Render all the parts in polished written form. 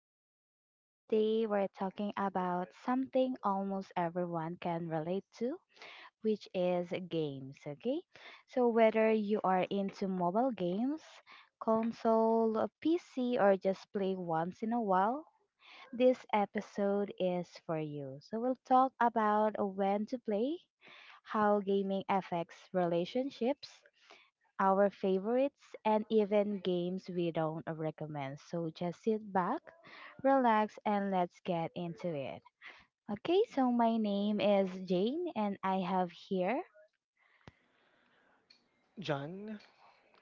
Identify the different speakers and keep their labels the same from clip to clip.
Speaker 1: in. And today we're talking about something almost everyone can relate to, which is games, okay? So whether you are into mobile games, console, PC, or just play once in a while, this episode is for you. So we'll talk about when to play, how gaming affects relationships, our favorites, and even games we don't recommend. So just sit back, relax, and let's get into it. Okay, so my name is Jane, and I have here.
Speaker 2: John,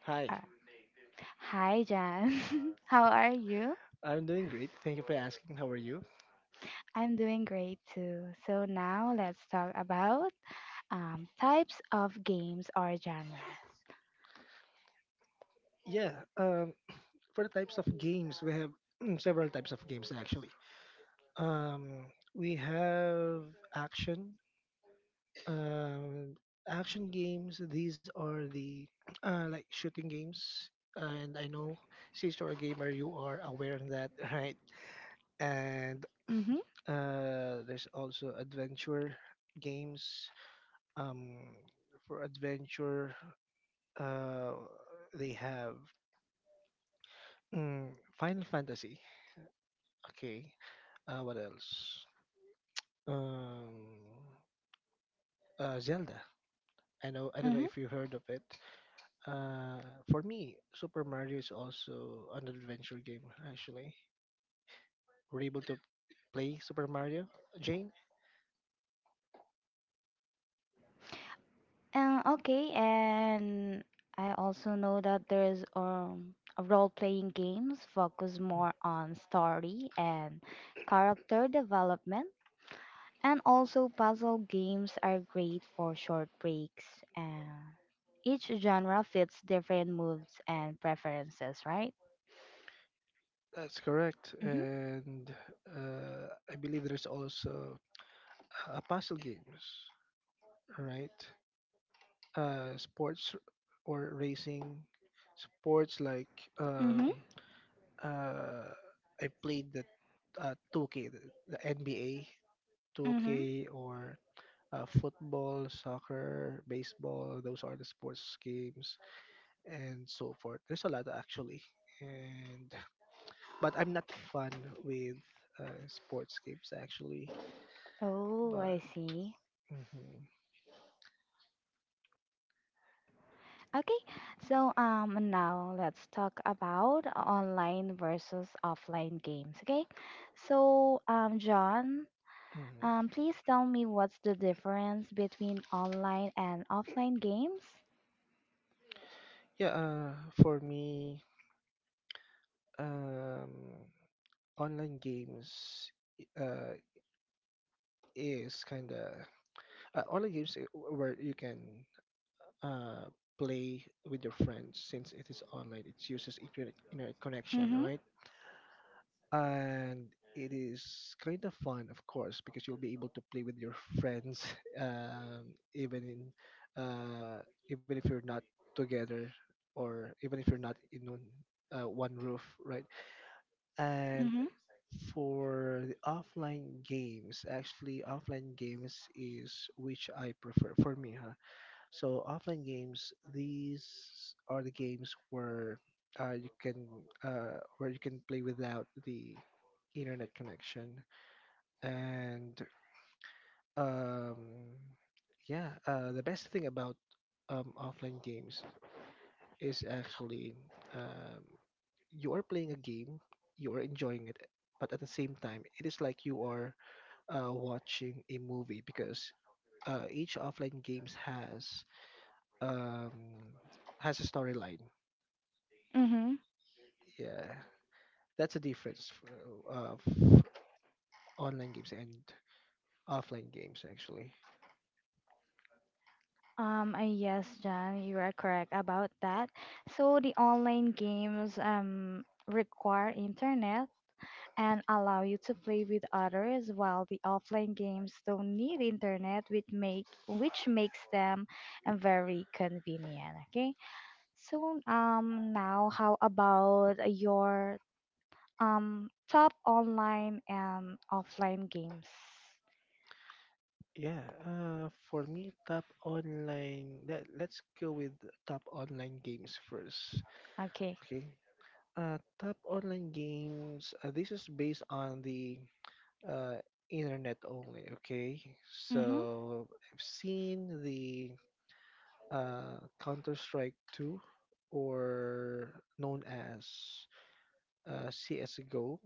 Speaker 2: hi.
Speaker 1: Uh, Hi, Jan. How are you?
Speaker 2: I'm doing great. Thank you for asking. How are you?
Speaker 1: I'm doing great too. So now let's talk about types of games or genres.
Speaker 2: Yeah, for the types of games, we have several types of games actually. Um, we have action, um, action games. These are the like shooting games, and I know since you're a gamer, you are aware of that, right? And
Speaker 1: Mm-hmm.
Speaker 2: uh, there's also adventure games. Um, for adventure. Uh, they have mm, Final Fantasy. Okay. What else? Um, Zelda. I know. I don't know
Speaker 1: Mm-hmm.
Speaker 2: if you heard of it. Uh, for me, Super Mario is also an adventure game. Actually, were you able to play Super Mario, Jane?
Speaker 1: Okay, and I also know that there's role-playing games focus
Speaker 2: Mm,
Speaker 1: more on story and character development, and also puzzle games are great for short breaks. And each genre fits different moods and preferences, right?
Speaker 2: That's correct.
Speaker 1: Mhm.
Speaker 2: And I believe there's also puzzle games, right? Sports or racing sports like um,
Speaker 1: Mhm.
Speaker 2: uh, I played the 2K, the NBA
Speaker 1: Mhm.
Speaker 2: 2K or football, soccer, baseball. Those are the sports games and so forth. There's a lot actually, and but I'm not fun with sports games actually.
Speaker 1: Oh, I
Speaker 2: But
Speaker 1: see.
Speaker 2: mhm,
Speaker 1: Okay, so now let's talk about online versus offline games. Okay, so John,
Speaker 2: mhm.
Speaker 1: please tell me, what's the difference between online and offline games?
Speaker 2: yeah, for me, um online games uh is kind of where you can uh play with your friends, since it is online, it uses internet connection,
Speaker 1: Mm-hmm.
Speaker 2: right? And it is kind of fun, of course, because you'll be able to play with your friends um even in uh even if you're not together, or even if you're not in one roof, right? And
Speaker 1: Mm-hmm.
Speaker 2: for the offline games, actually, offline games is which I prefer for me, huh? So offline games, these are the games uh, you can where you can play without the internet connection. And um, yeah, the best thing about offline games is actually, um, you are playing a game, you are enjoying it, but at the same time, it is like you are watching a movie because each offline games um, has a storyline.
Speaker 1: Mm-hmm.
Speaker 2: Yeah, that's a difference for, of online games and offline games actually.
Speaker 1: Yes, Jan, you are correct about that. So the online games require internet and allow you to play with others, while the offline games don't need internet, which makes them very convenient. Okay. So now how about your top online and offline games?
Speaker 2: Yeah, for me, top online. Let's go with top online games first.
Speaker 1: Okay.
Speaker 2: Okay. Top online games. This is based on the uh, internet only. Okay,
Speaker 1: Mm-hmm.
Speaker 2: so I've seen the Counter Strike Two, or known as CS:GO.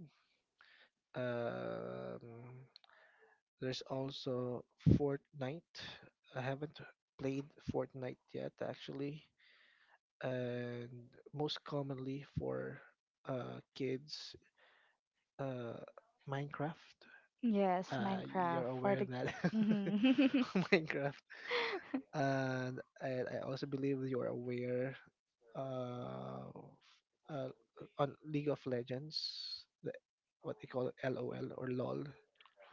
Speaker 2: Um, there's also Fortnite. I haven't played Fortnite yet, actually, and most commonly for kids, uh, Minecraft.
Speaker 1: Yes, Minecraft
Speaker 2: You're
Speaker 1: for
Speaker 2: aware
Speaker 1: the
Speaker 2: that
Speaker 1: Mhm.
Speaker 2: Minecraft, and I also believe you're aware uh, uh, on League of Legends, what they call LOL,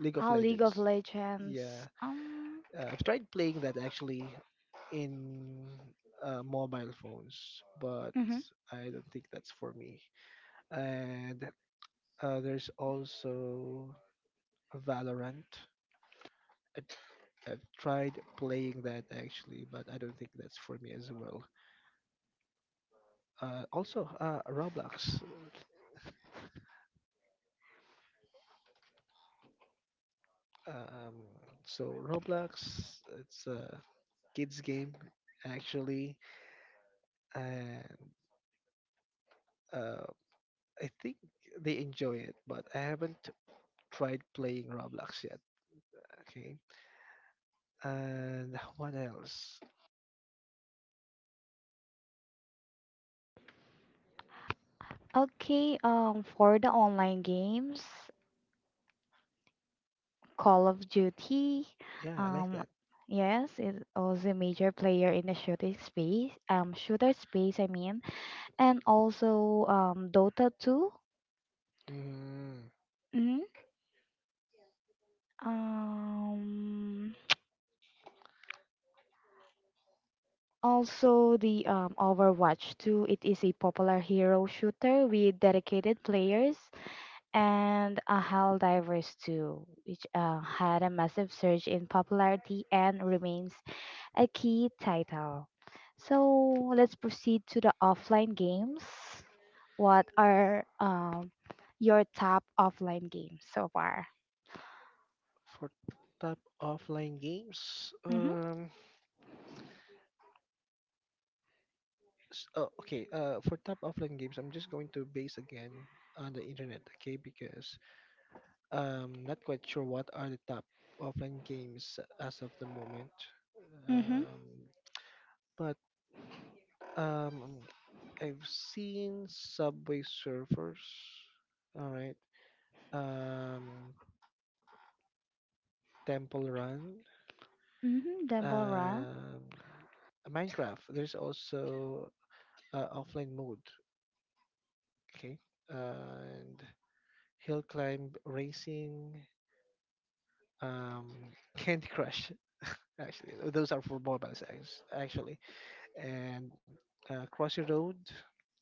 Speaker 2: League of
Speaker 1: Ah, League of
Speaker 2: Legends. Yeah,
Speaker 1: Legends.
Speaker 2: I've tried playing that actually in mobile phones, but
Speaker 1: Mhm.
Speaker 2: I don't think that's for me. And there's also Valorant. I, I've tried playing that actually, but I don't think that's for me as well. Also, Roblox. Um, so Roblox, it's a kids game actually, and uh, I think they enjoy it, but I haven't tried playing Roblox yet. Okay, and what else?
Speaker 1: Okay. For the online games, Call of Duty.
Speaker 2: Yeah, I like
Speaker 1: Um,
Speaker 2: that.
Speaker 1: yes, it was a major player in the shooting space. Shooter space, I mean, and also Dota 2.
Speaker 2: Mm,
Speaker 1: Mm-hmm. Um. Also, the Overwatch 2, it is a popular hero shooter with dedicated players, and a Helldivers 2, which had a massive surge in popularity and remains a key title. So let's proceed to the offline games. What are your top offline games so far?
Speaker 2: for top offline games,
Speaker 1: Mm-hmm,
Speaker 2: okay, for top offline games, I'm just going to base again on the internet, okay? Because I'm not quite sure what are the top offline games as of the moment.
Speaker 1: mm-hmm,
Speaker 2: Um, but um, I've seen Subway Surfers, all right. Um, Temple Run,
Speaker 1: mm-hmm, Demble
Speaker 2: um, Minecraft. There's also offline mode, okay, and hill climb racing, um, Candy Crush. Actually, those are for mobiles actually, and Cross Your Road,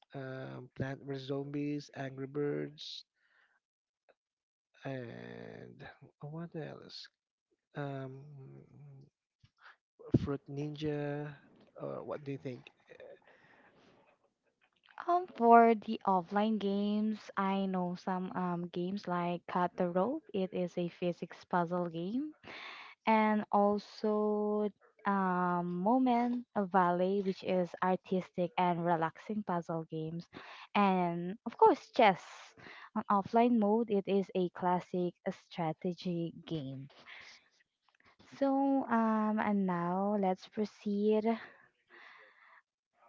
Speaker 2: Plant vs Zombies, Angry Birds, and what else? Um, Fruit Ninja. Or what do you think?
Speaker 1: For the offline games, I know some games like Cut the Rope. It is a physics puzzle game, and also Moment of Valley, which is artistic and relaxing puzzle games, and of course chess. On offline mode, it is a classic strategy game. So and now let's proceed.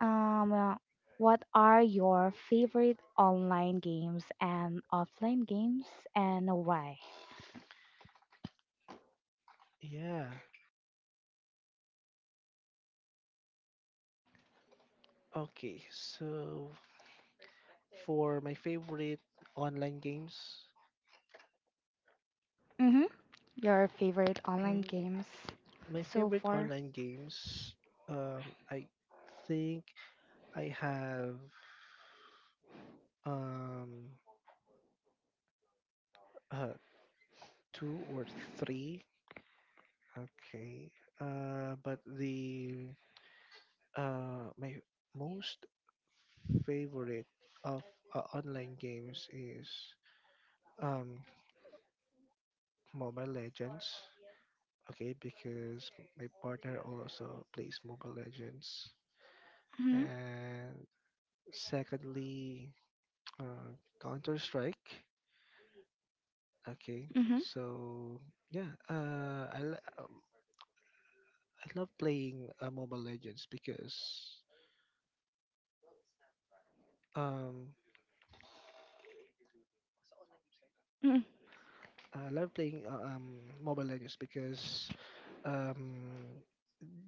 Speaker 1: Um, uh, what are your favorite online games and offline games and why?
Speaker 2: Yeah. Okay. So for my favorite online games,
Speaker 1: Mm-hmm. Your favorite online
Speaker 2: Mm,
Speaker 1: games
Speaker 2: my
Speaker 1: so
Speaker 2: favorite
Speaker 1: far?
Speaker 2: online games, I think I have. Um, uh, Two or three. Okay. But the my most favorite of online games is um Mobile Legends. Okay, because my partner also plays Mobile Legends.
Speaker 1: Mm-hmm.
Speaker 2: And secondly, uh, Counter Strike. Okay,
Speaker 1: Mm-hmm.
Speaker 2: so yeah, I love playing Mobile Legends because um
Speaker 1: Mm-hmm.
Speaker 2: I love playing Mobile Legends because um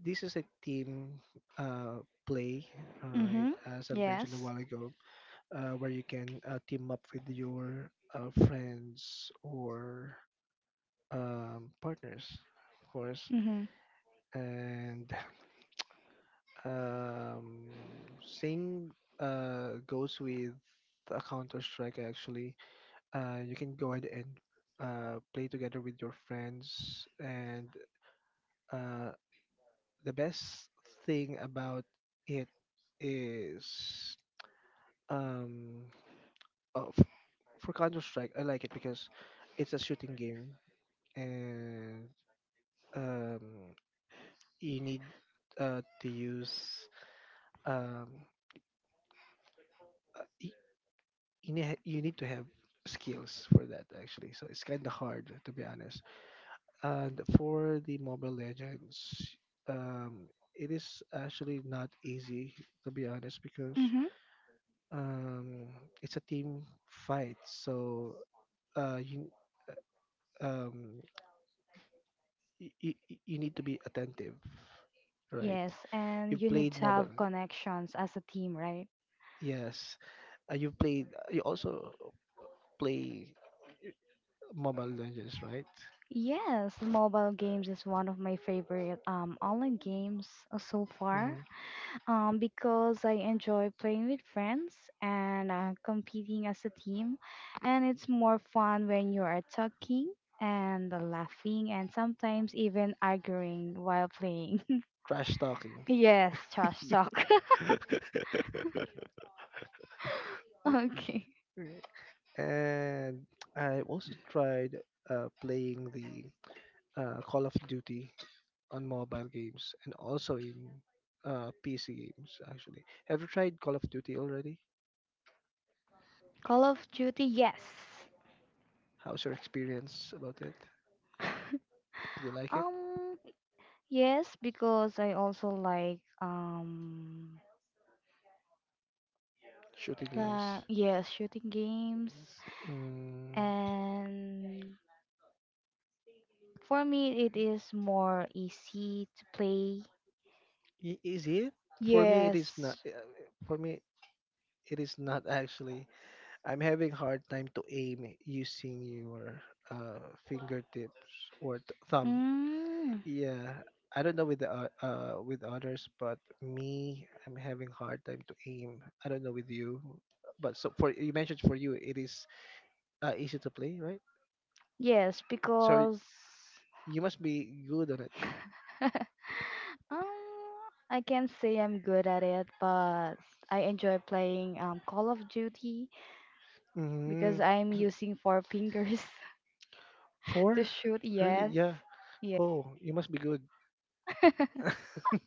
Speaker 2: this is a team play, all right,
Speaker 1: Mm-hmm.
Speaker 2: as I've mentioned a
Speaker 1: Yes.
Speaker 2: while ago, where you can team up with your friends or partners, of course,
Speaker 1: Mm-hmm.
Speaker 2: and um same goes with Counter Strike actually. You can go ahead and play together with your friends. And uh, the best thing about it is, um, uh, f- for Counter Strike, I like it because it's a shooting game, and um, you need to use um, uh, y- you need to have skills for that actually. So it's kind of hard to be honest. And for the Mobile Legends, um, it is actually not easy to be honest because
Speaker 1: Mm-hmm.
Speaker 2: um, it's a team fight. So you uh, um, y- y- y- you need to be attentive, right?
Speaker 1: Yes, and
Speaker 2: You've
Speaker 1: you need
Speaker 2: played
Speaker 1: to
Speaker 2: mobile,
Speaker 1: have connections as a team, right?
Speaker 2: yes. You also play Mobile Legends, right?
Speaker 1: Yes, mobile games is one of my favorite online games, so far.
Speaker 2: Mhm.
Speaker 1: Because I enjoy playing with friends and competing as a team, and it's more fun when you are talking and laughing and sometimes even arguing while playing.
Speaker 2: Trash talking.
Speaker 1: Yes, trash talk. Okay.
Speaker 2: And I also tried playing the Call of Duty on mobile games and also in PC games, actually. Have you tried Call of Duty already?
Speaker 1: Call of Duty, yes.
Speaker 2: How's your experience about it? Do you like it?
Speaker 1: um, yes, because I also like
Speaker 2: Shooting games.
Speaker 1: yes, shooting games.
Speaker 2: Yes.
Speaker 1: And for me, it is more easy to play.
Speaker 2: Is it? For me, it is not.
Speaker 1: Yes.
Speaker 2: For me, it is not actually. I'm having hard time to aim using your uh, fingertips or thumb.
Speaker 1: Mm,
Speaker 2: Yeah, I don't know with with others, but me, I'm having hard time to aim. I don't know with you, but so for you mentioned for you, it is easy to play, right?
Speaker 1: yes,
Speaker 2: So
Speaker 1: because
Speaker 2: you must be good on it.
Speaker 1: um, I can't say I'm good at it, but I enjoy playing Call of Duty
Speaker 2: hmm
Speaker 1: because I'm using four fingers to
Speaker 2: Four?
Speaker 1: shoot.
Speaker 2: Really?
Speaker 1: Yes.
Speaker 2: Yeah.
Speaker 1: Yeah.
Speaker 2: Oh, you must be good.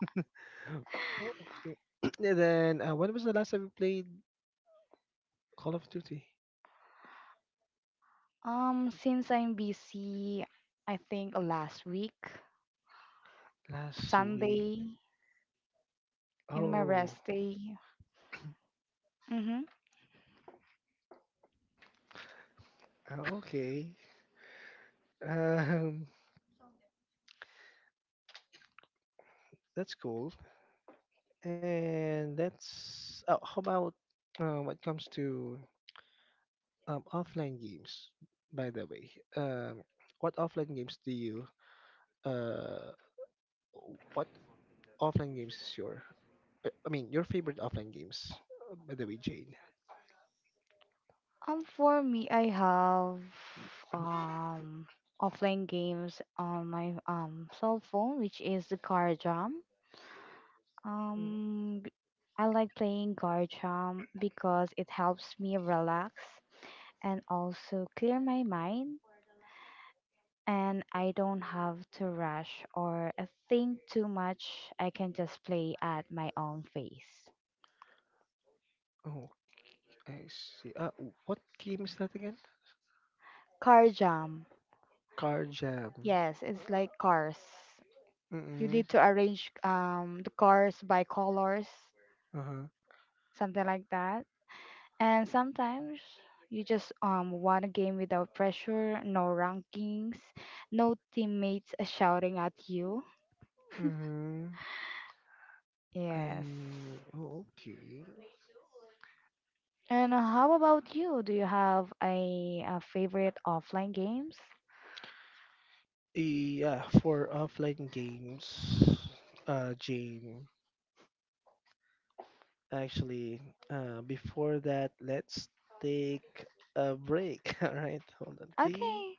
Speaker 2: Oh, okay. And then when was the last time you played Call of Duty
Speaker 1: Since I'm busy, I think last week,
Speaker 2: last week.
Speaker 1: Sunday, in my
Speaker 2: Oh,
Speaker 1: rest day. Mm-hmm.
Speaker 2: okay. Um, that's cool. And that's oh, how about what comes to offline games? By the way, what offline games do you, uh what offline games is your, I mean your favorite offline games? By the way, Jane.
Speaker 1: For me, I have um offline games on my cell phone, which is the car jam.
Speaker 2: Mm,
Speaker 1: Um, b- I like playing car jam because it helps me relax and also clear my mind. And I don't have to rush or think too much. I can just play at my own pace.
Speaker 2: Oh, I see. What game is that again?
Speaker 1: Car jam,
Speaker 2: Car jam.
Speaker 1: yes, it's like cars. You
Speaker 2: Mm-hmm.
Speaker 1: need to arrange the cars by colors,
Speaker 2: Uh-huh.
Speaker 1: something like that. And sometimes you just want a game without pressure, no rankings, no teammates shouting at you.
Speaker 2: Mm-hmm.
Speaker 1: Yes.
Speaker 2: I Oh, okay.
Speaker 1: And how about you? Do you have a favorite offline games?
Speaker 2: Yeah, for offline games, Jane. Actually, before that, let's take a break. All right, hold on. Ding.
Speaker 1: Okay.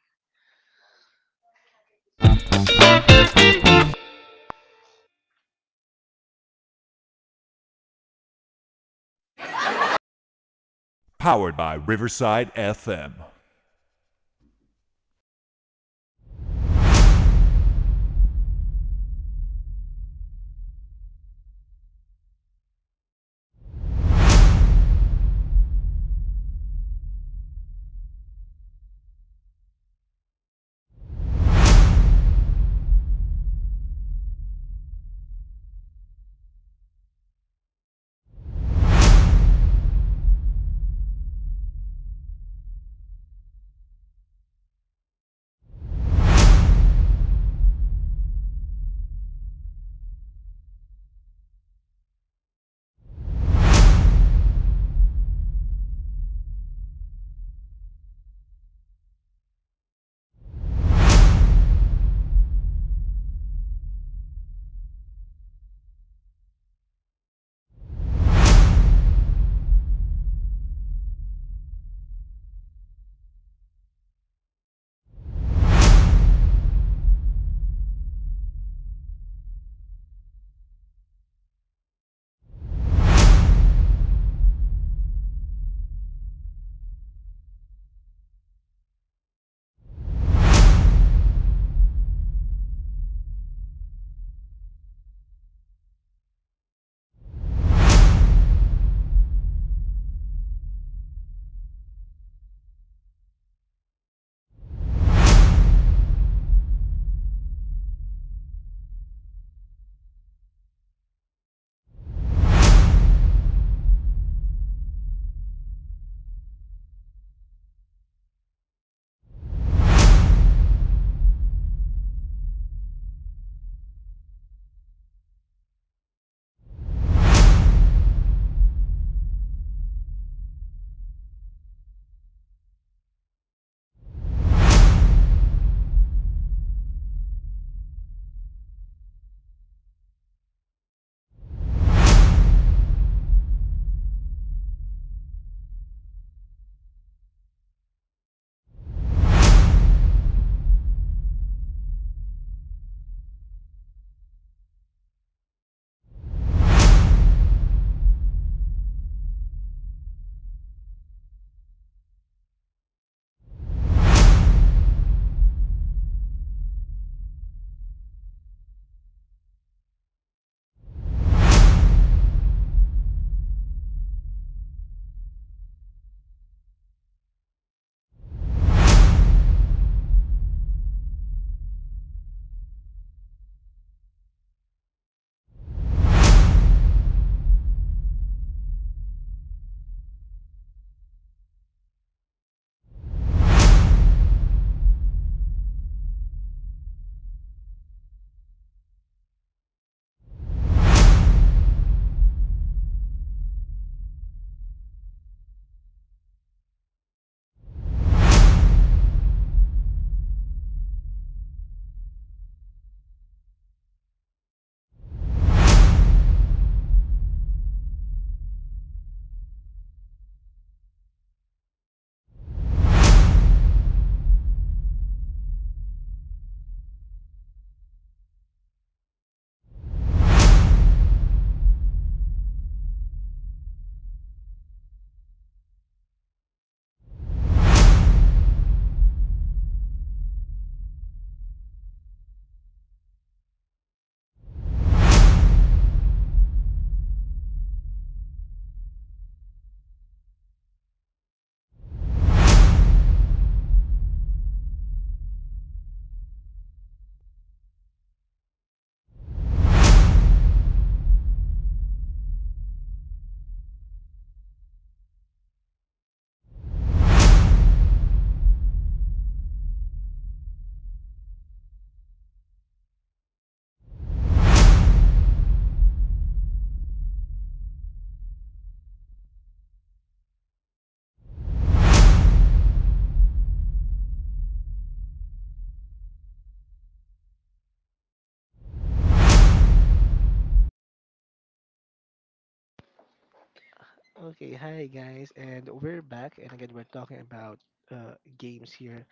Speaker 2: Okay, hi guys, and we're back, and again, we're talking about games here.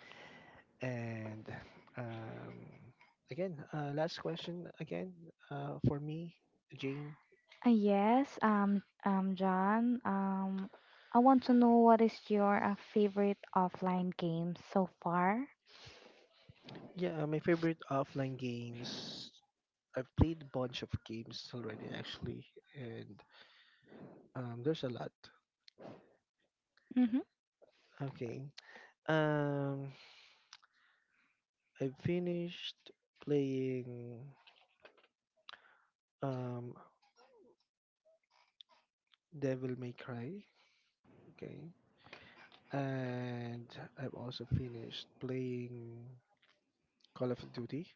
Speaker 2: And um, again, last question again, for me, Jane.
Speaker 1: Yes, John, I want to know, what is your favorite offline game so far?
Speaker 2: Yeah, my favorite offline games. I've played a bunch of games already, actually, and there's a lot. Okay. Um, I finished playing um Devil May Cry. Okay, and I've also finished playing Call of Duty.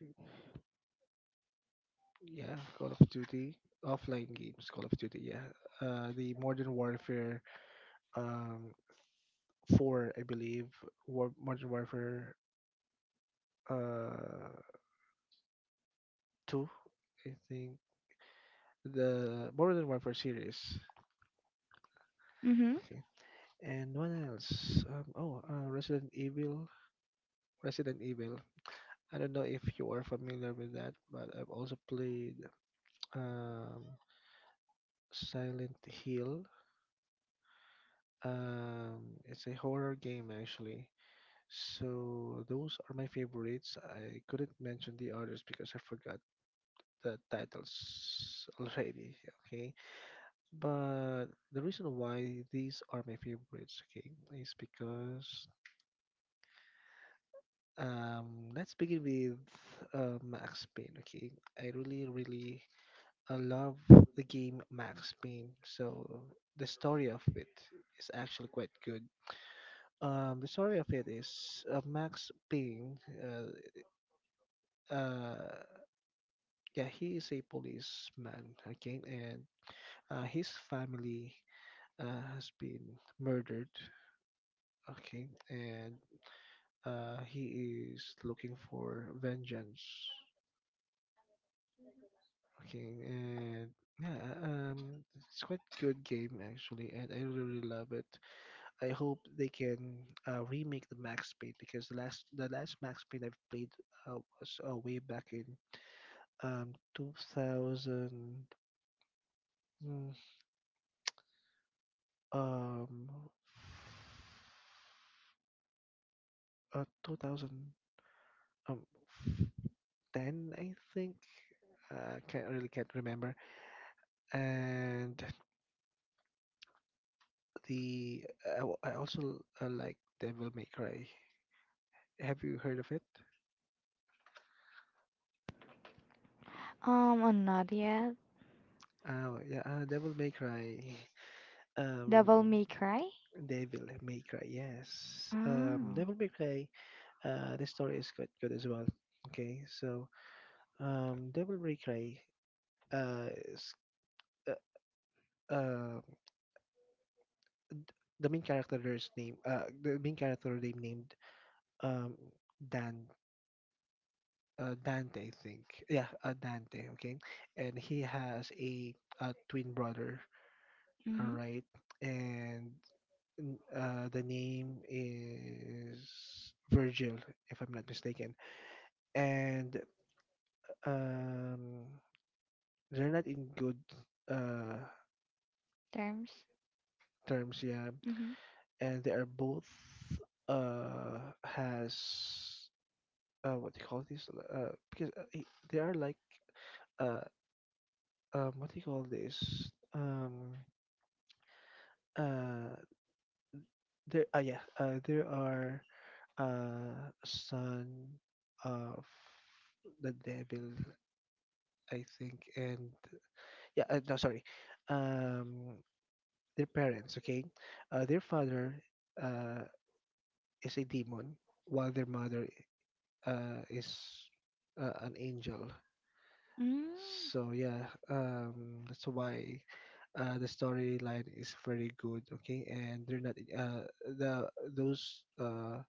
Speaker 2: Yeah, Call of Duty offline games. Call of Duty. Yeah, the Modern Warfare, um, four, I believe. War Modern Warfare, uh, two, I think. The Modern Warfare series.
Speaker 1: Mm-hmm.
Speaker 2: Okay, and what else? Oh, Resident Evil. Resident Evil. I don't know if you are familiar with that, but I've also played um, Silent Hill. Um, it's a horror game actually. So those are my favorites. I couldn't mention the others because I forgot the titles already. Okay, but the reason why these are my favorites, okay, is because let's begin with Max Payne. Okay, I really really love the game Max Payne. So the story of it is actually quite good. The story of it is Max Payne. Uh Yeah, he is a policeman. Okay, and his family has been murdered. Okay, and he is looking for vengeance. Okay, and yeah, it's quite good game actually, and I really really love it. I hope they can remake the Max Payne because the last Max Payne I've played was way back in 2000. Um, 2000, um, 10, I think. I can't really can't remember. And I also like Devil May Cry. Have you heard of it?
Speaker 1: I'm not yet.
Speaker 2: Oh yeah, Devil May Cry. Um,
Speaker 1: Devil May Cry?
Speaker 2: Devil May Cry. Yes.
Speaker 1: Oh.
Speaker 2: Devil May Cry. The story is quite good as well. Okay, so Devil May Cry. Uh, is, uh, um the main character's name, the main character, they named um Dan Dante, I think. Yeah, Dante. Okay, and he has a twin brother, all
Speaker 1: Mm-hmm.
Speaker 2: right, and the name is Virgil, if I'm not mistaken, and um they're not in good uh
Speaker 1: Terms.
Speaker 2: terms. Yeah,
Speaker 1: Mm-hmm.
Speaker 2: and they are both, has, what do you call this, because, they are like, uh what do you call this, uh there, yeah, there are, son of the devil, I think, and yeah, no, sorry, um their parents, okay, their father uh is a demon, while their mother is an angel.
Speaker 1: Mm.
Speaker 2: So yeah, that's why the storyline is very good. Okay, and they're not the those uh,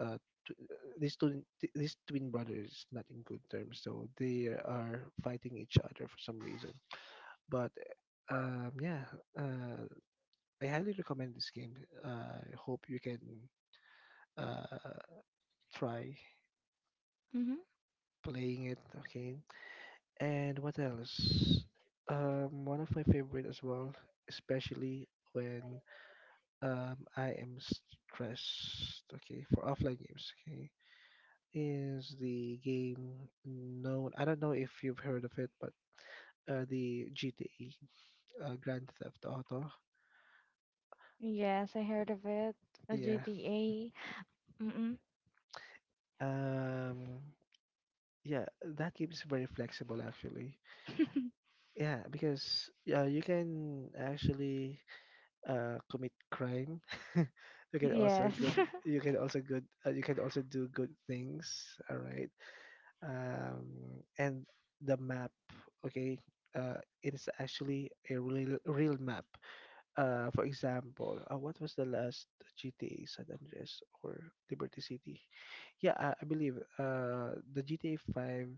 Speaker 2: uh, tw- these twin brothers not in good terms. So they are fighting each other for some reason. But yeah, uh, I highly recommend this game. I hope you can uh, try
Speaker 1: Mm-hmm.
Speaker 2: playing it. Okay, and what else? One of my favorite as well, especially when I am stressed. Okay, for offline games. Okay, is the game known? I don't know if you've heard of it, but the GTA, Grand Theft Auto.
Speaker 1: Yes, I heard of it. A
Speaker 2: Yeah.
Speaker 1: GTA. Mm-mm.
Speaker 2: Um. Yeah, that game is very flexible actually. Yeah, because you can actually commit crime.
Speaker 1: Yes.
Speaker 2: You can also do good things. All right. And the map. Okay. It is actually a real map. For example, what was the last GTA San Andreas or Liberty City? Yeah, I believe the GTA 5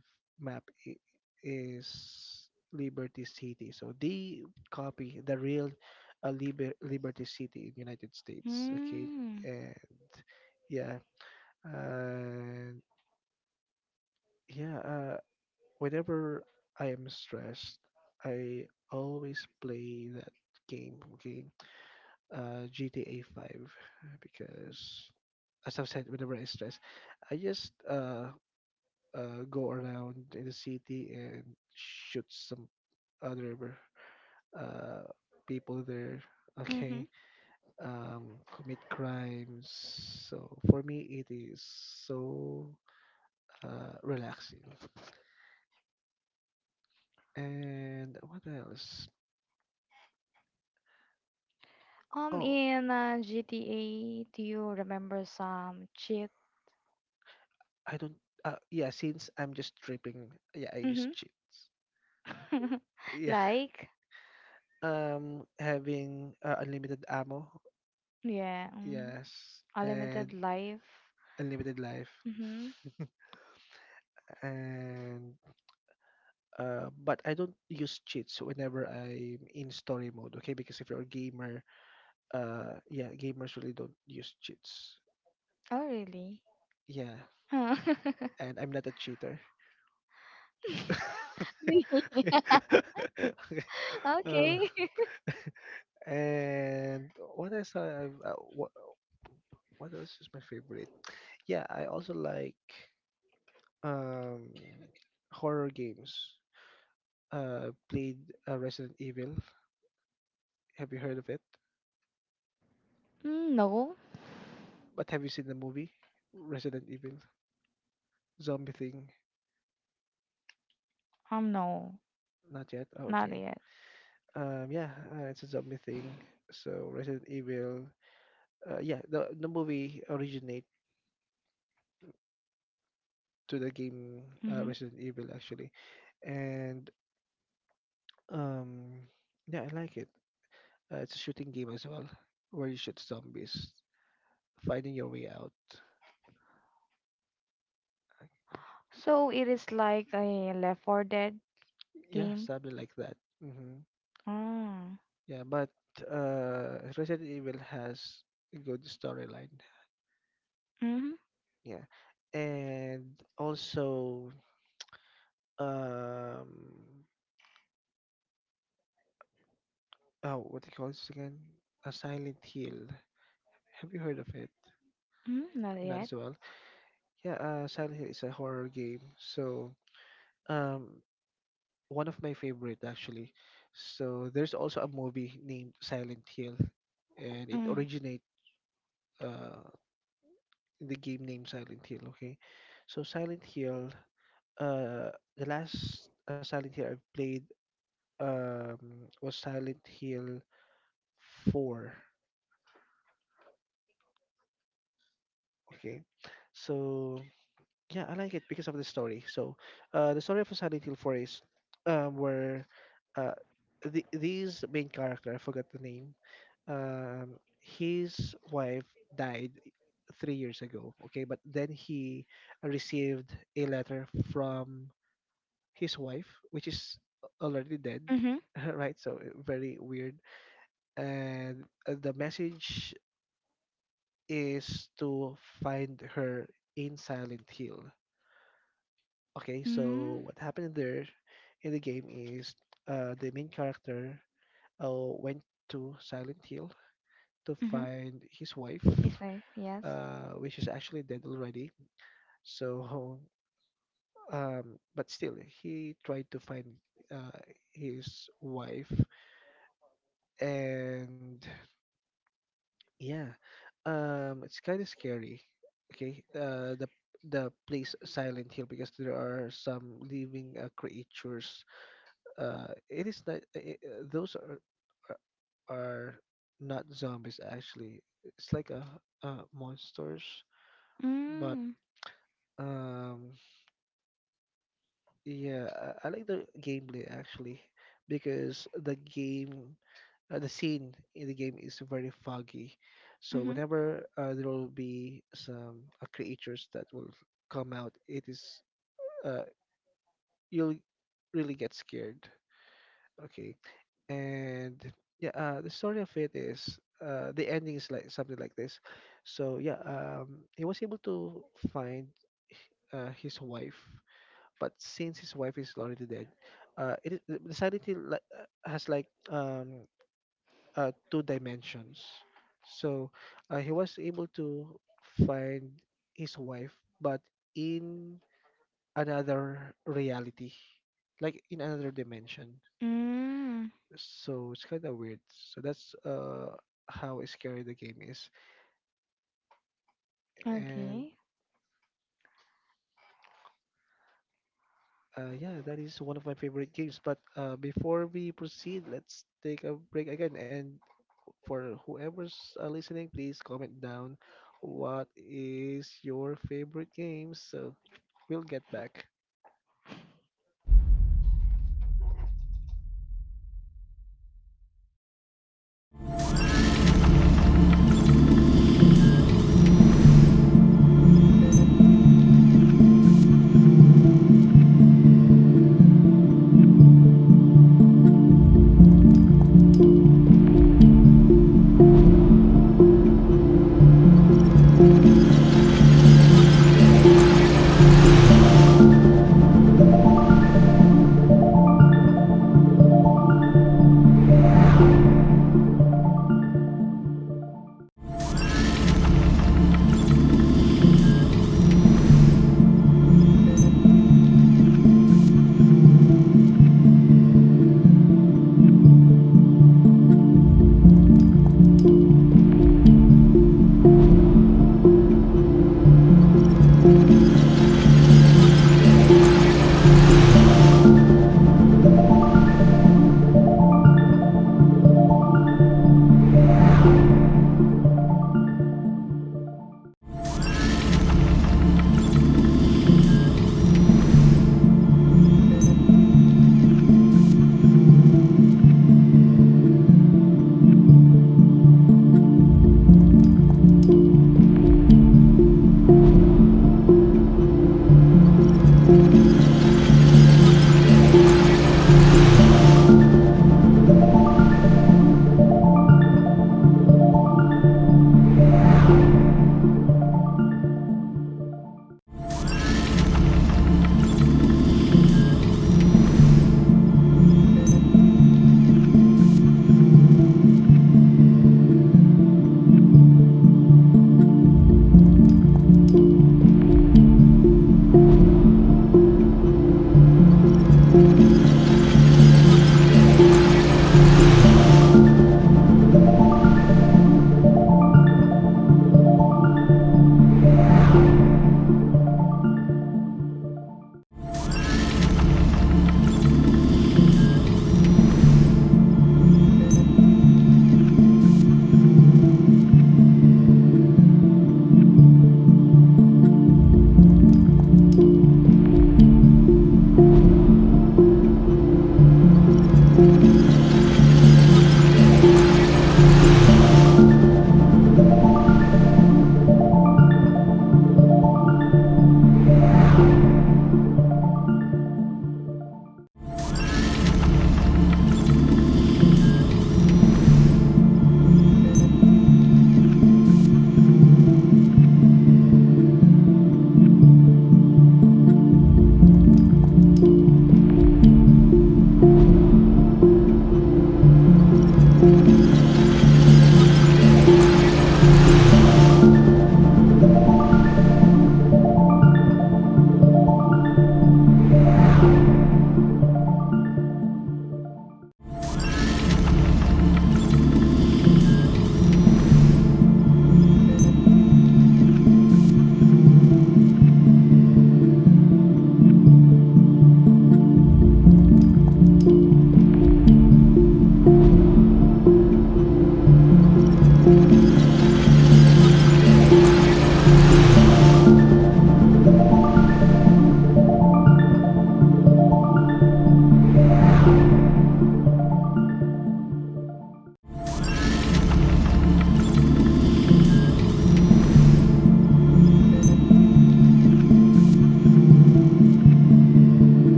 Speaker 2: map is Liberty City. So they copy the real Liberty City in United States. Okay,
Speaker 1: mm.
Speaker 2: and yeah, and yeah. Whenever I am stressed, I always play that game. Okay, GTA 5 because, as I've said, whenever I stress, I just go around in the city and shoot some other uh, people there.
Speaker 1: Mm-hmm.
Speaker 2: Okay, um, commit crimes. So for me, it is so relaxing. And what else? Oh,
Speaker 1: In GTA, do you remember some cheat?
Speaker 2: I don't. Yeah, since I'm just tripping, yeah, I use
Speaker 1: Mm-hmm.
Speaker 2: cheats. Yeah.
Speaker 1: Like?
Speaker 2: Having unlimited ammo.
Speaker 1: Yeah. Mm.
Speaker 2: Yes,
Speaker 1: Unlimited
Speaker 2: and
Speaker 1: life.
Speaker 2: unlimited life.
Speaker 1: Mm-hmm.
Speaker 2: And but I don't use cheats whenever I'm in story mode. Okay, because if you're a gamer, yeah, gamers really don't use cheats.
Speaker 1: Oh, really?
Speaker 2: Yeah,
Speaker 1: Huh.
Speaker 2: and I'm not a cheater.
Speaker 1: Really?
Speaker 2: okay. Uh,
Speaker 1: Okay.
Speaker 2: and what else I have? What else is my favorite? Yeah, I also like um horror games. Played Resident Evil. Have you heard of it?
Speaker 1: Mm, no.
Speaker 2: But have you seen the movie Resident Evil zombie thing?
Speaker 1: No.
Speaker 2: Not yet. Oh,
Speaker 1: Not
Speaker 2: okay.
Speaker 1: yet.
Speaker 2: Yeah, it's a zombie thing. So Resident Evil. Yeah, the movie originate to the game
Speaker 1: Mm-hmm.
Speaker 2: Resident Evil actually, and um, yeah, I like it. It's a shooting game as well, where you shoot zombies. Finding your way out.
Speaker 1: So it is like a Left 4 Dead
Speaker 2: Yeah,
Speaker 1: game.
Speaker 2: something like that.
Speaker 1: Oh.
Speaker 2: Yeah, but Resident Evil has a good storyline.
Speaker 1: Mm-hmm.
Speaker 2: Yeah, and also um, oh, what do you call this again? A Silent Hill. Have you heard of it?
Speaker 1: Mm, not
Speaker 2: Not
Speaker 1: yet.
Speaker 2: as well. Yeah, Silent Hill is a horror game. So, um, one of my favorite actually. So there's also a movie named Silent Hill, and it
Speaker 1: Mm.
Speaker 2: originate uh the game named Silent Hill. Okay, so Silent Hill, uh, the last Silent Hill I played was Silent Hill 4. Okay, so yeah, I like it because of the story. So, the story of Silent Hill 4 is, where, uh, these main character I forgot the name, his wife died 3 years ago. Okay, but then he received a letter from his wife, which is already dead.
Speaker 1: Mm-hmm.
Speaker 2: Mm-hmm. Right? So very weird. And the message is to find her in Silent Hill. Okay,
Speaker 1: Mm.
Speaker 2: so what happened there in the game is the main character uh, went to Silent Hill to
Speaker 1: Mm-hmm.
Speaker 2: find his wife,
Speaker 1: Yes, wife. Yes.
Speaker 2: which is actually dead already. So, but still, he tried to find uh, his wife, and yeah. It's kind of scary. Okay. The place Silent Hill because there are some living creatures. It is not. Those are are not zombies actually. It's like a monsters, but
Speaker 1: Mm.
Speaker 2: um, yeah, I like the gameplay actually because the game the scene in the game is very foggy. So
Speaker 1: Mm-hmm.
Speaker 2: whenever there will be some creatures that will come out, it is uh, you'll really get scared. Okay, and yeah, the story of it is the ending is like something like this. So yeah, he was able to find his wife, but since his wife is already dead, it is- the sanity like has like two dimensions. So he was able to find his wife, but in another reality, like in another dimension.
Speaker 1: Mm,
Speaker 2: So it's kind of weird. So that's how scary the game is. And
Speaker 1: okay.
Speaker 2: yeah, that is one of my favorite games. But before we proceed, let's take a break again and for whoever's listening, please comment down what is your favorite game. So we'll get back.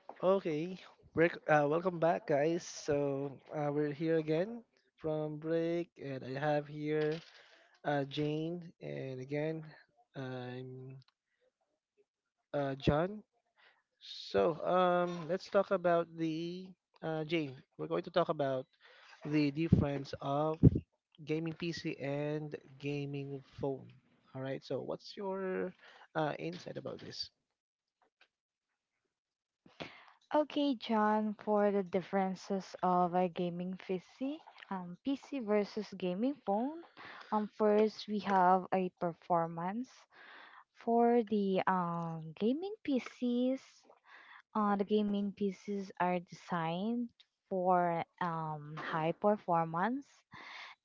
Speaker 2: Okay, welcome back, guys. So we're here again from break, and I have here Jane, and again I'm John. So, let's talk about the Jane. We're going to talk about the difference of gaming PC and gaming phone. All right. So, what's your insight about this?
Speaker 1: Okay, John, for the differences of a gaming PC versus gaming phone. First we have a performance for the gaming PCs. The gaming PCs are designed for high performance,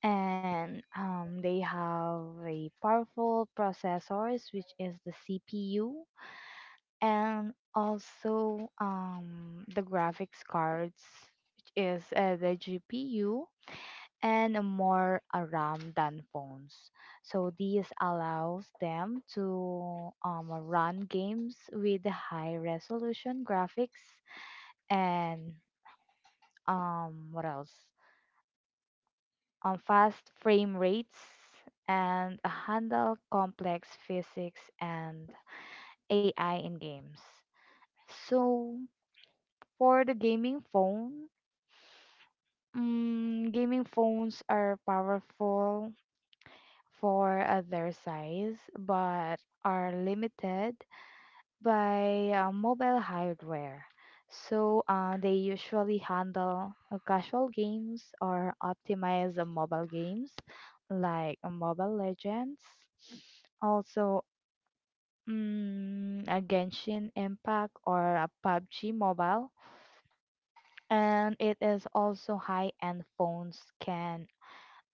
Speaker 1: and they have a powerful processors, which is the CPU, and also the graphics cards, which is the GPU, and a more a ram than phones. So this allows them to run games with high resolution graphics, and what else fast frame rates, and handle complex physics and AI in games. So for the gaming phone, mm, gaming phones are powerful for their size, but are limited by mobile hardware. So they usually handle casual games or optimize mobile games like Mobile Legends, also mm, a Genshin Impact or a PUBG Mobile, and it is also high-end phones can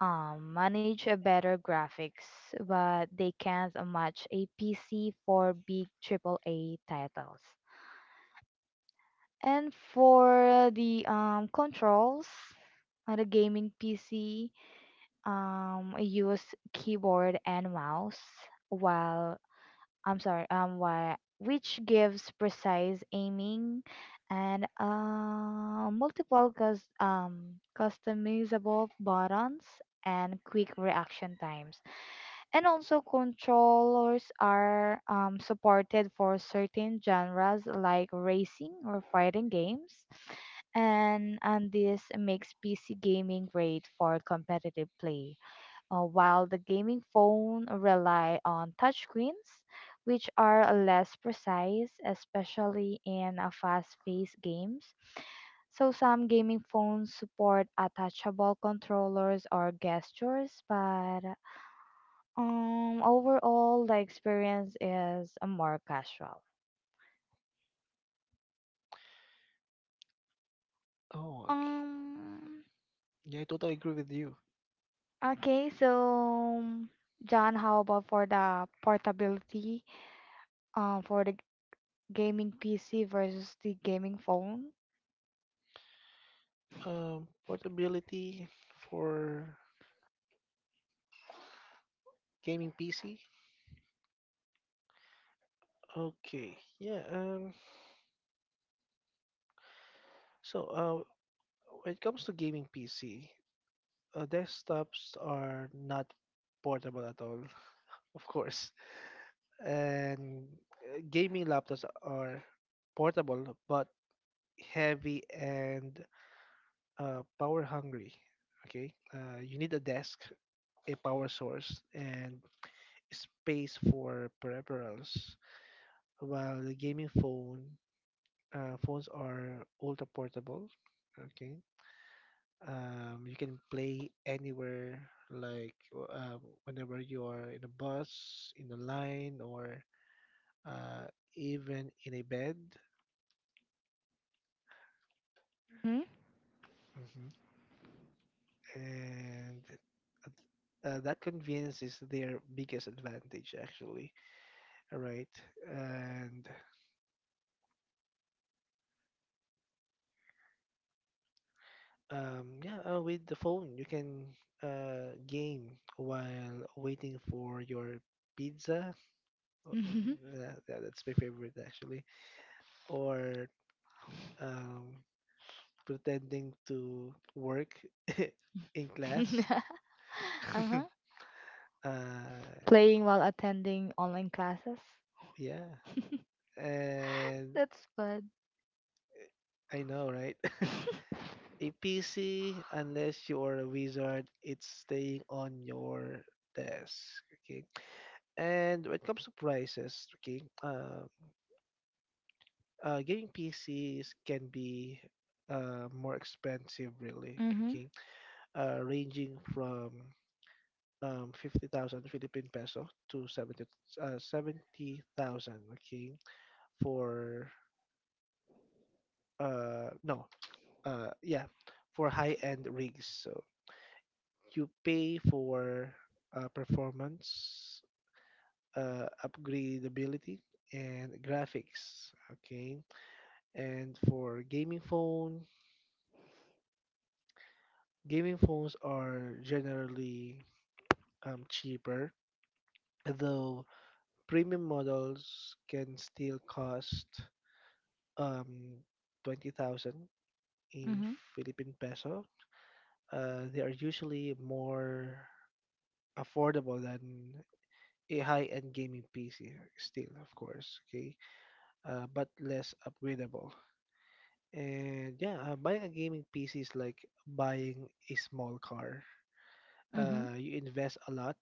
Speaker 1: manage a better graphics, but they can't match a PC for big triple A titles. And for the controls, on the gaming PC, I use keyboard and mouse. While I'm sorry, while, Which gives precise aiming and multiple customizable buttons and quick reaction times. And also controllers are supported for certain genres like racing or fighting games, and this makes PC gaming great for competitive play, while the gaming phone rely on touchscreens, which are less precise, especially in fast-paced games. So some gaming phones support attachable controllers or gestures, but overall, the experience is more casual.
Speaker 2: Oh, okay.
Speaker 1: Um,
Speaker 2: Yeah, I totally agree with you.
Speaker 1: Okay, so John, how about for the portability, for the gaming PC versus the gaming phone?
Speaker 2: Portability for gaming PC. Okay. Yeah. So, when it comes to gaming PC, desktops are not portable at all. Of course. And gaming laptops are portable but heavy and power hungry. Okay, you need a desk, a power source, and space for peripherals. While the gaming phone phones are ultra portable. Okay, you can play anywhere, like whenever you are in a bus, in a line, or uh, even in a bed.
Speaker 1: Hmm?
Speaker 2: Mm-hmm. And that convenience is their biggest advantage actually. All right. And yeah, with the phone you can game while waiting for your pizza. Uh, yeah, yeah, that's my favorite actually, or um, pretending to work in class.
Speaker 1: Uh-huh.
Speaker 2: uh,
Speaker 1: Playing while attending online classes.
Speaker 2: yeah. And
Speaker 1: That's good.
Speaker 2: I know, right? A PC, unless you're a wizard, it's staying on your desk. Okay. And when it comes to prices, okay, gaming PCs can be more expensive, really.
Speaker 1: Mm-hmm.
Speaker 2: Okay, ranging from 50,000 Philippine peso to 70, 70,000. Okay, for no, yeah, for high end rigs. So you pay for performance, upgradability, and graphics. Okay, and for gaming phone, gaming phones are generally cheaper, though premium models can still cost um, 20,000 in
Speaker 1: Mm-hmm.
Speaker 2: Philippine peso. They are usually more affordable than a high-end gaming PC still, of course. Okay, but less upgradable. And yeah, buying a gaming PC is like buying a small car.
Speaker 1: Mm-hmm.
Speaker 2: You invest a lot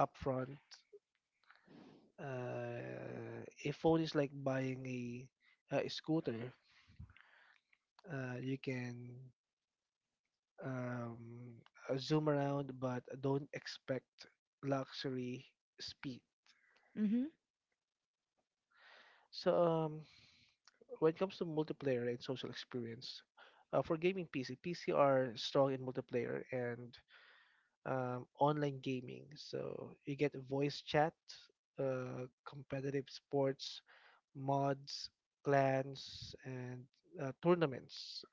Speaker 2: upfront. Uh, a phone is like buying a scooter. You can um, zoom around, but don't expect luxury speed.
Speaker 1: Mm-hmm.
Speaker 2: So when it comes to multiplayer and social experience, for gaming PC, PC are strong in multiplayer and online gaming. So you get voice chat, competitive sports, mods, clans, and tournaments.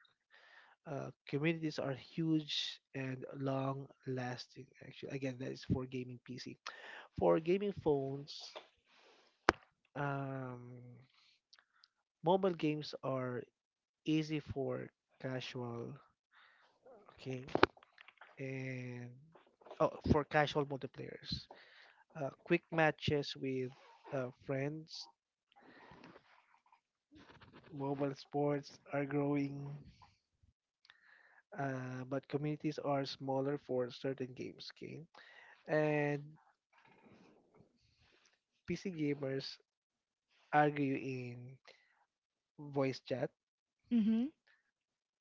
Speaker 2: Communities are huge and long lasting. Actually, again, that is for gaming PC. For gaming phones, um, mobile games are easy for casual. Okay, and oh, for casual multiplayers. Quick matches with friends. Mobile sports are growing, but communities are smaller for certain games. Okay, and PC gamers argue in voice chat
Speaker 1: Mm-hmm.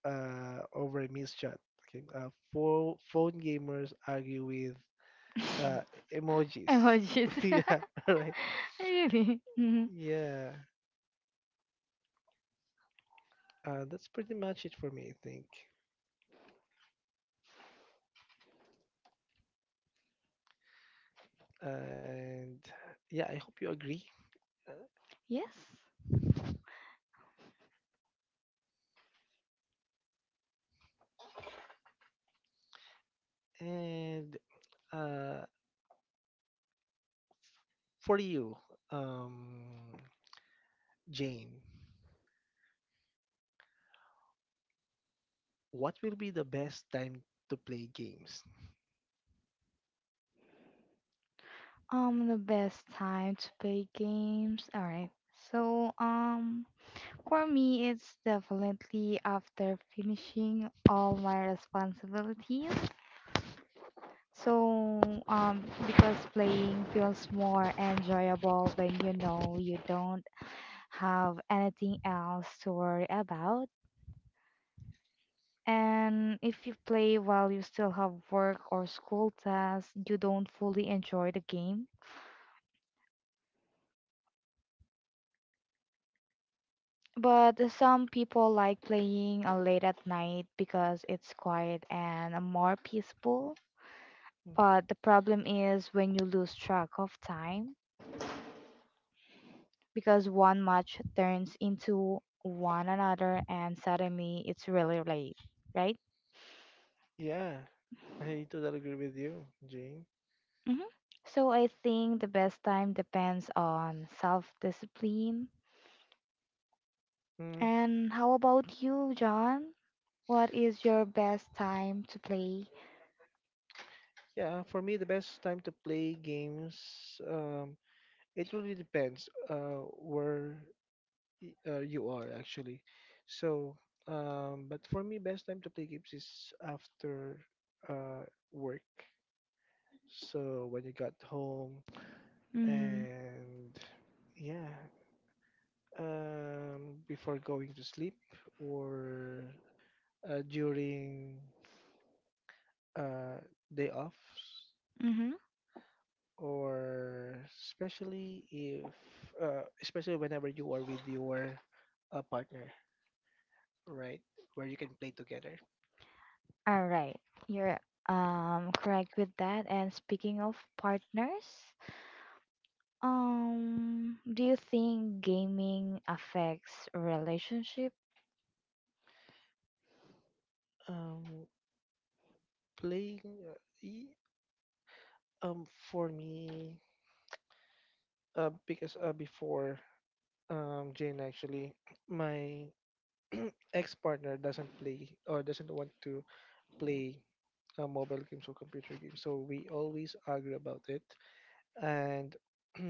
Speaker 2: over miss chat. Okay, phone gamers argue with uh, emojis.
Speaker 1: Emojis.
Speaker 2: Yeah, right.
Speaker 1: Really? Mm-hmm.
Speaker 2: Yeah, that's pretty much it for me, I think. And yeah, I hope you agree. Uh,
Speaker 1: Yes.
Speaker 2: And Uh, for you, um, Jane, what will be the best time to play games?
Speaker 1: The best time to play games. All right. So, for me, it's definitely after finishing all my responsibilities. So, because playing feels more enjoyable when you know you don't have anything else to worry about. And if you play while you still have work or school tasks, you don't fully enjoy the game. But some people like playing late at night because it's quiet and more peaceful.
Speaker 2: Mm.
Speaker 1: But the problem is when you lose track of time, because one match turns into one another and suddenly it's really late, right?
Speaker 2: Yeah, I totally agree with you, Jane.
Speaker 1: Hmm. So I think the best time depends on self discipline.
Speaker 2: Mm.
Speaker 1: And how about you, John? What is your best time to play?
Speaker 2: Yeah, for me, the best time to play games, um, it really depends where you are actually. So, but for me, best time to play games is after uh, work. So when you got home
Speaker 1: Mm-hmm.
Speaker 2: and yeah, before going to sleep or during uh, day offs,
Speaker 1: Mm-hmm.
Speaker 2: or especially if especially whenever you are with your partner, right? Where you can play together.
Speaker 1: All right, you're correct with that. And speaking of partners, do you think gaming affects relationship?
Speaker 2: Um, Playing, uh, y- for me, because before Jane actually, my ex-partner doesn't play or doesn't want to play mobile games or computer games, so we always argue about it. And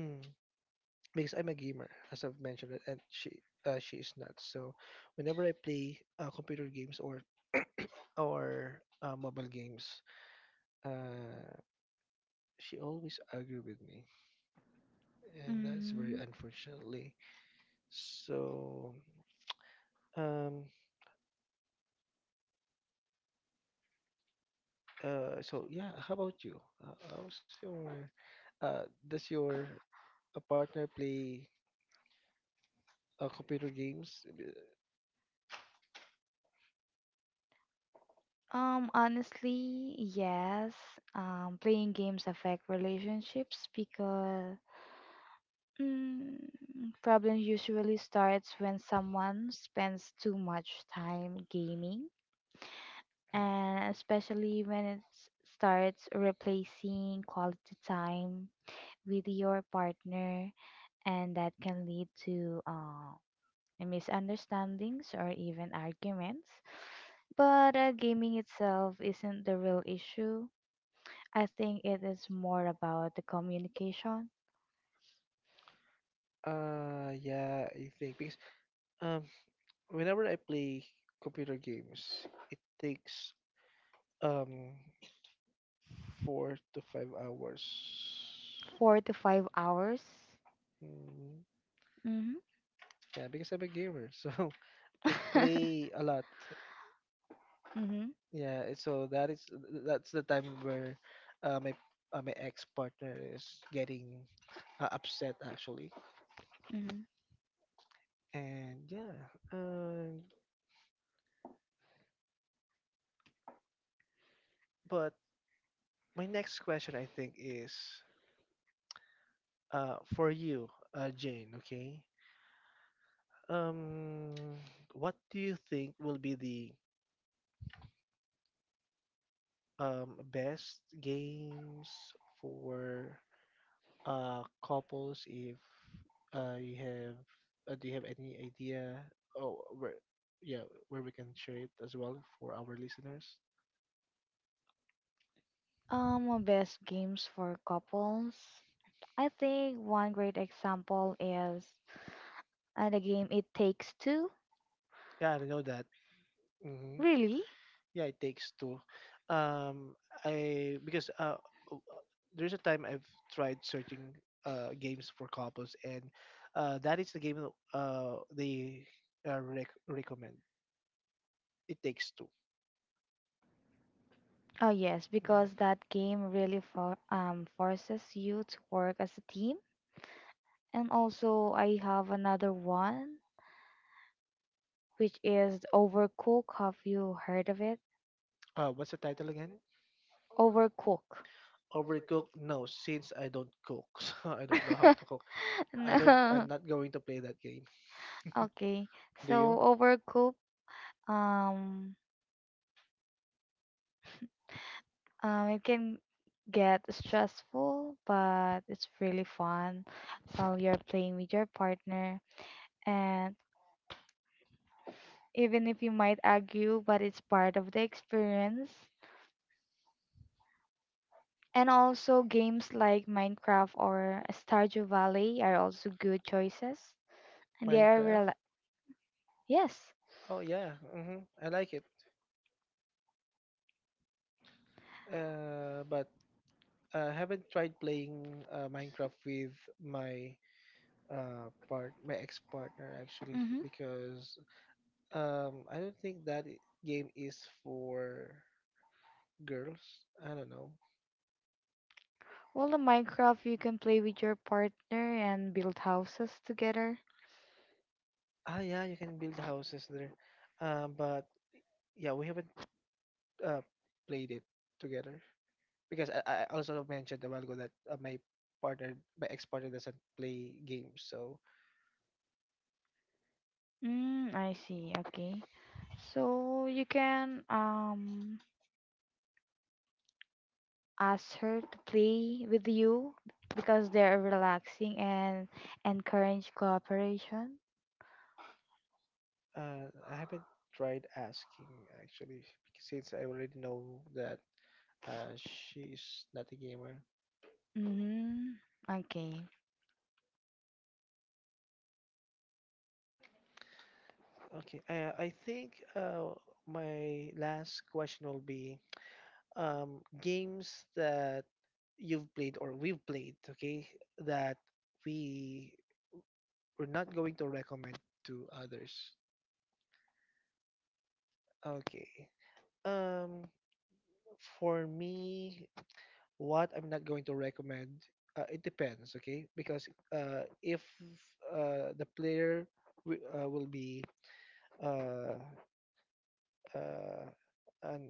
Speaker 2: because I'm a gamer, as I've mentioned it, and she is not. So whenever I play computer games or mobile games, uh, she always argue with me. And that's very
Speaker 1: Mm,
Speaker 2: unfortunately. So, um, so yeah. How about you? How's your, does your partner play computer games?
Speaker 1: honestly, yes. Playing games affect relationships because mm, problems usually starts when someone spends too much time gaming,
Speaker 2: Mhm.
Speaker 1: and especially when it starts replacing quality time with your partner, and that can lead to misunderstandings or even arguments. But gaming itself isn't the real issue. I think it is more about the communication.
Speaker 2: Yeah, I think because um, whenever I play computer games, it takes um 4 to 5 hours.
Speaker 1: 4 to 5 hours.
Speaker 2: Mm,
Speaker 1: Mm-hmm.
Speaker 2: yeah, because I'm a gamer, so I play a lot.
Speaker 1: Mm-hmm.
Speaker 2: Yeah, so that's the time where my my ex partner is getting upset actually.
Speaker 1: Mm-hmm.
Speaker 2: And yeah, um, but my next question I think is for you, Jane. Okay, um, what do you think will be the best games for? Couples, if you have, do you have any idea, oh where, yeah, where we can share it as well for our listeners.
Speaker 1: Best games for couples. I think one great example is the game It Takes Two.
Speaker 2: Yeah, I know that. hmm
Speaker 1: Really?
Speaker 2: yeah, it takes two. um i because uh w- uh, there's a time I've tried searching games for couples, and that is the game that they recommend. It takes two.
Speaker 1: Oh yes, because that game really for, forces you to work as a
Speaker 2: Mm.
Speaker 1: team. And also, I have another one, which is Overcook. Have you heard of it?
Speaker 2: What's the title again?
Speaker 1: Overcook.
Speaker 2: Overcooked? No, since I don't cook, so I don't know how to cook. I don't. I'm
Speaker 1: No.
Speaker 2: not going to play that game.
Speaker 1: Okay. Okay.
Speaker 2: Do you?
Speaker 1: So
Speaker 2: So
Speaker 1: Overcook. Um, it can get stressful, but it's really fun while you're playing with your partner. And even if you might argue, but it's part of the experience. And also, games like Minecraft or Stardew Valley are also good choices. And they are
Speaker 2: Minecraft?
Speaker 1: real. Yes.
Speaker 2: Oh yeah. I like it. But I haven't tried playing Minecraft with my my ex partner actually
Speaker 1: Mm-hmm.
Speaker 2: because I don't think that game is for girls. I don't know.
Speaker 1: Well, the Minecraft you can play with your partner and build houses together.
Speaker 2: Ah yeah, you can build houses there. But yeah, we haven't uh, played it together because I also mentioned a while ago that my partner, my ex partner, doesn't play games, so
Speaker 1: Mm, I see. Okay. So you can ask her to play with you because they're relaxing and encourage cooperation.
Speaker 2: I haven't tried asking actually, since I already know that she's not a gamer.
Speaker 1: Mm-hmm. Okay.
Speaker 2: Okay, I think my last question will be games that you've played or we've played, okay, that we we're not going to recommend to others. Okay. Um, for me, what I'm not going to recommend, it depends, okay? Because if the player will be uh, uh, an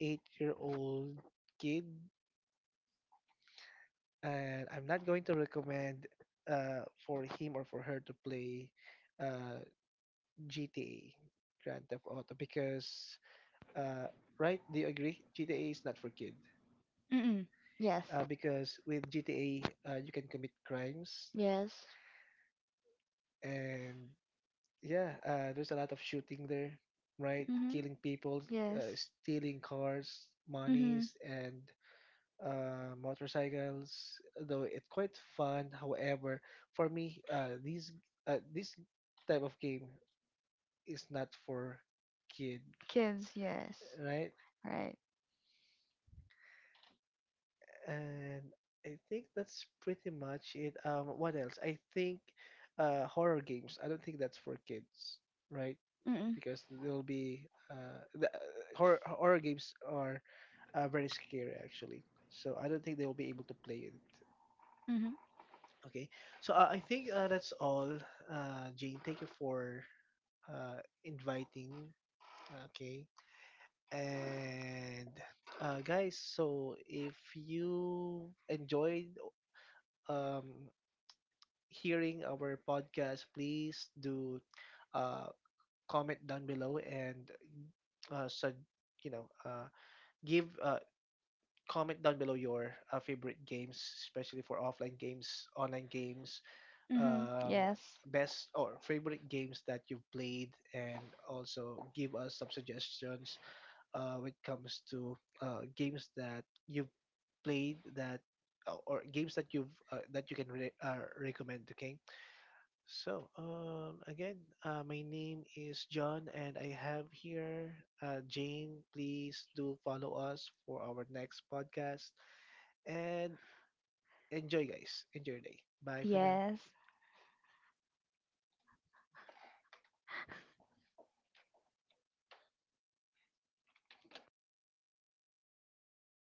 Speaker 2: 8-year-old kid, and I'm not going to recommend for him or for her to play uh, GTA, Grand Theft Auto, because uh, right? Do you agree? GTA is not for kids.
Speaker 1: Mm-mm. Yes.
Speaker 2: Because with GTA, you can commit crimes,
Speaker 1: Yes.
Speaker 2: and yeah, there's a lot of shooting there, right?
Speaker 1: Mm-hmm.
Speaker 2: Killing people,
Speaker 1: Yes.
Speaker 2: stealing cars,
Speaker 1: Mm-hmm.
Speaker 2: monies, and motorcycles. Though it's quite fun. However, for me, these this type of game is not for kid,
Speaker 1: Kids, yes.
Speaker 2: right?
Speaker 1: Right.
Speaker 2: And I think that's pretty much it. What else? I think horror games. I don't think that's for kids, right?
Speaker 1: Mm-mm.
Speaker 2: Because there'll be horror games are very scary actually. So I don't think they will be able to play it.
Speaker 1: Mm-hmm.
Speaker 2: Okay. So I think that's all. Jane, thank you for inviting. Okay. And guys, so if you enjoyed um, hearing our podcast, please do uh, comment down below and so you know uh, give comment down below your favorite games, especially for offline games, online games,
Speaker 1: Mm-hmm.
Speaker 2: um,
Speaker 1: Yes.
Speaker 2: best or favorite games that you've played, and also give us some suggestions when it comes to games that you've played that. Or games that you've that you can recommend, okay? So, again, my name is John, and I have here Jane. Please do follow us for our next podcast and enjoy, guys. Enjoy your day. Bye for now.
Speaker 1: Yes.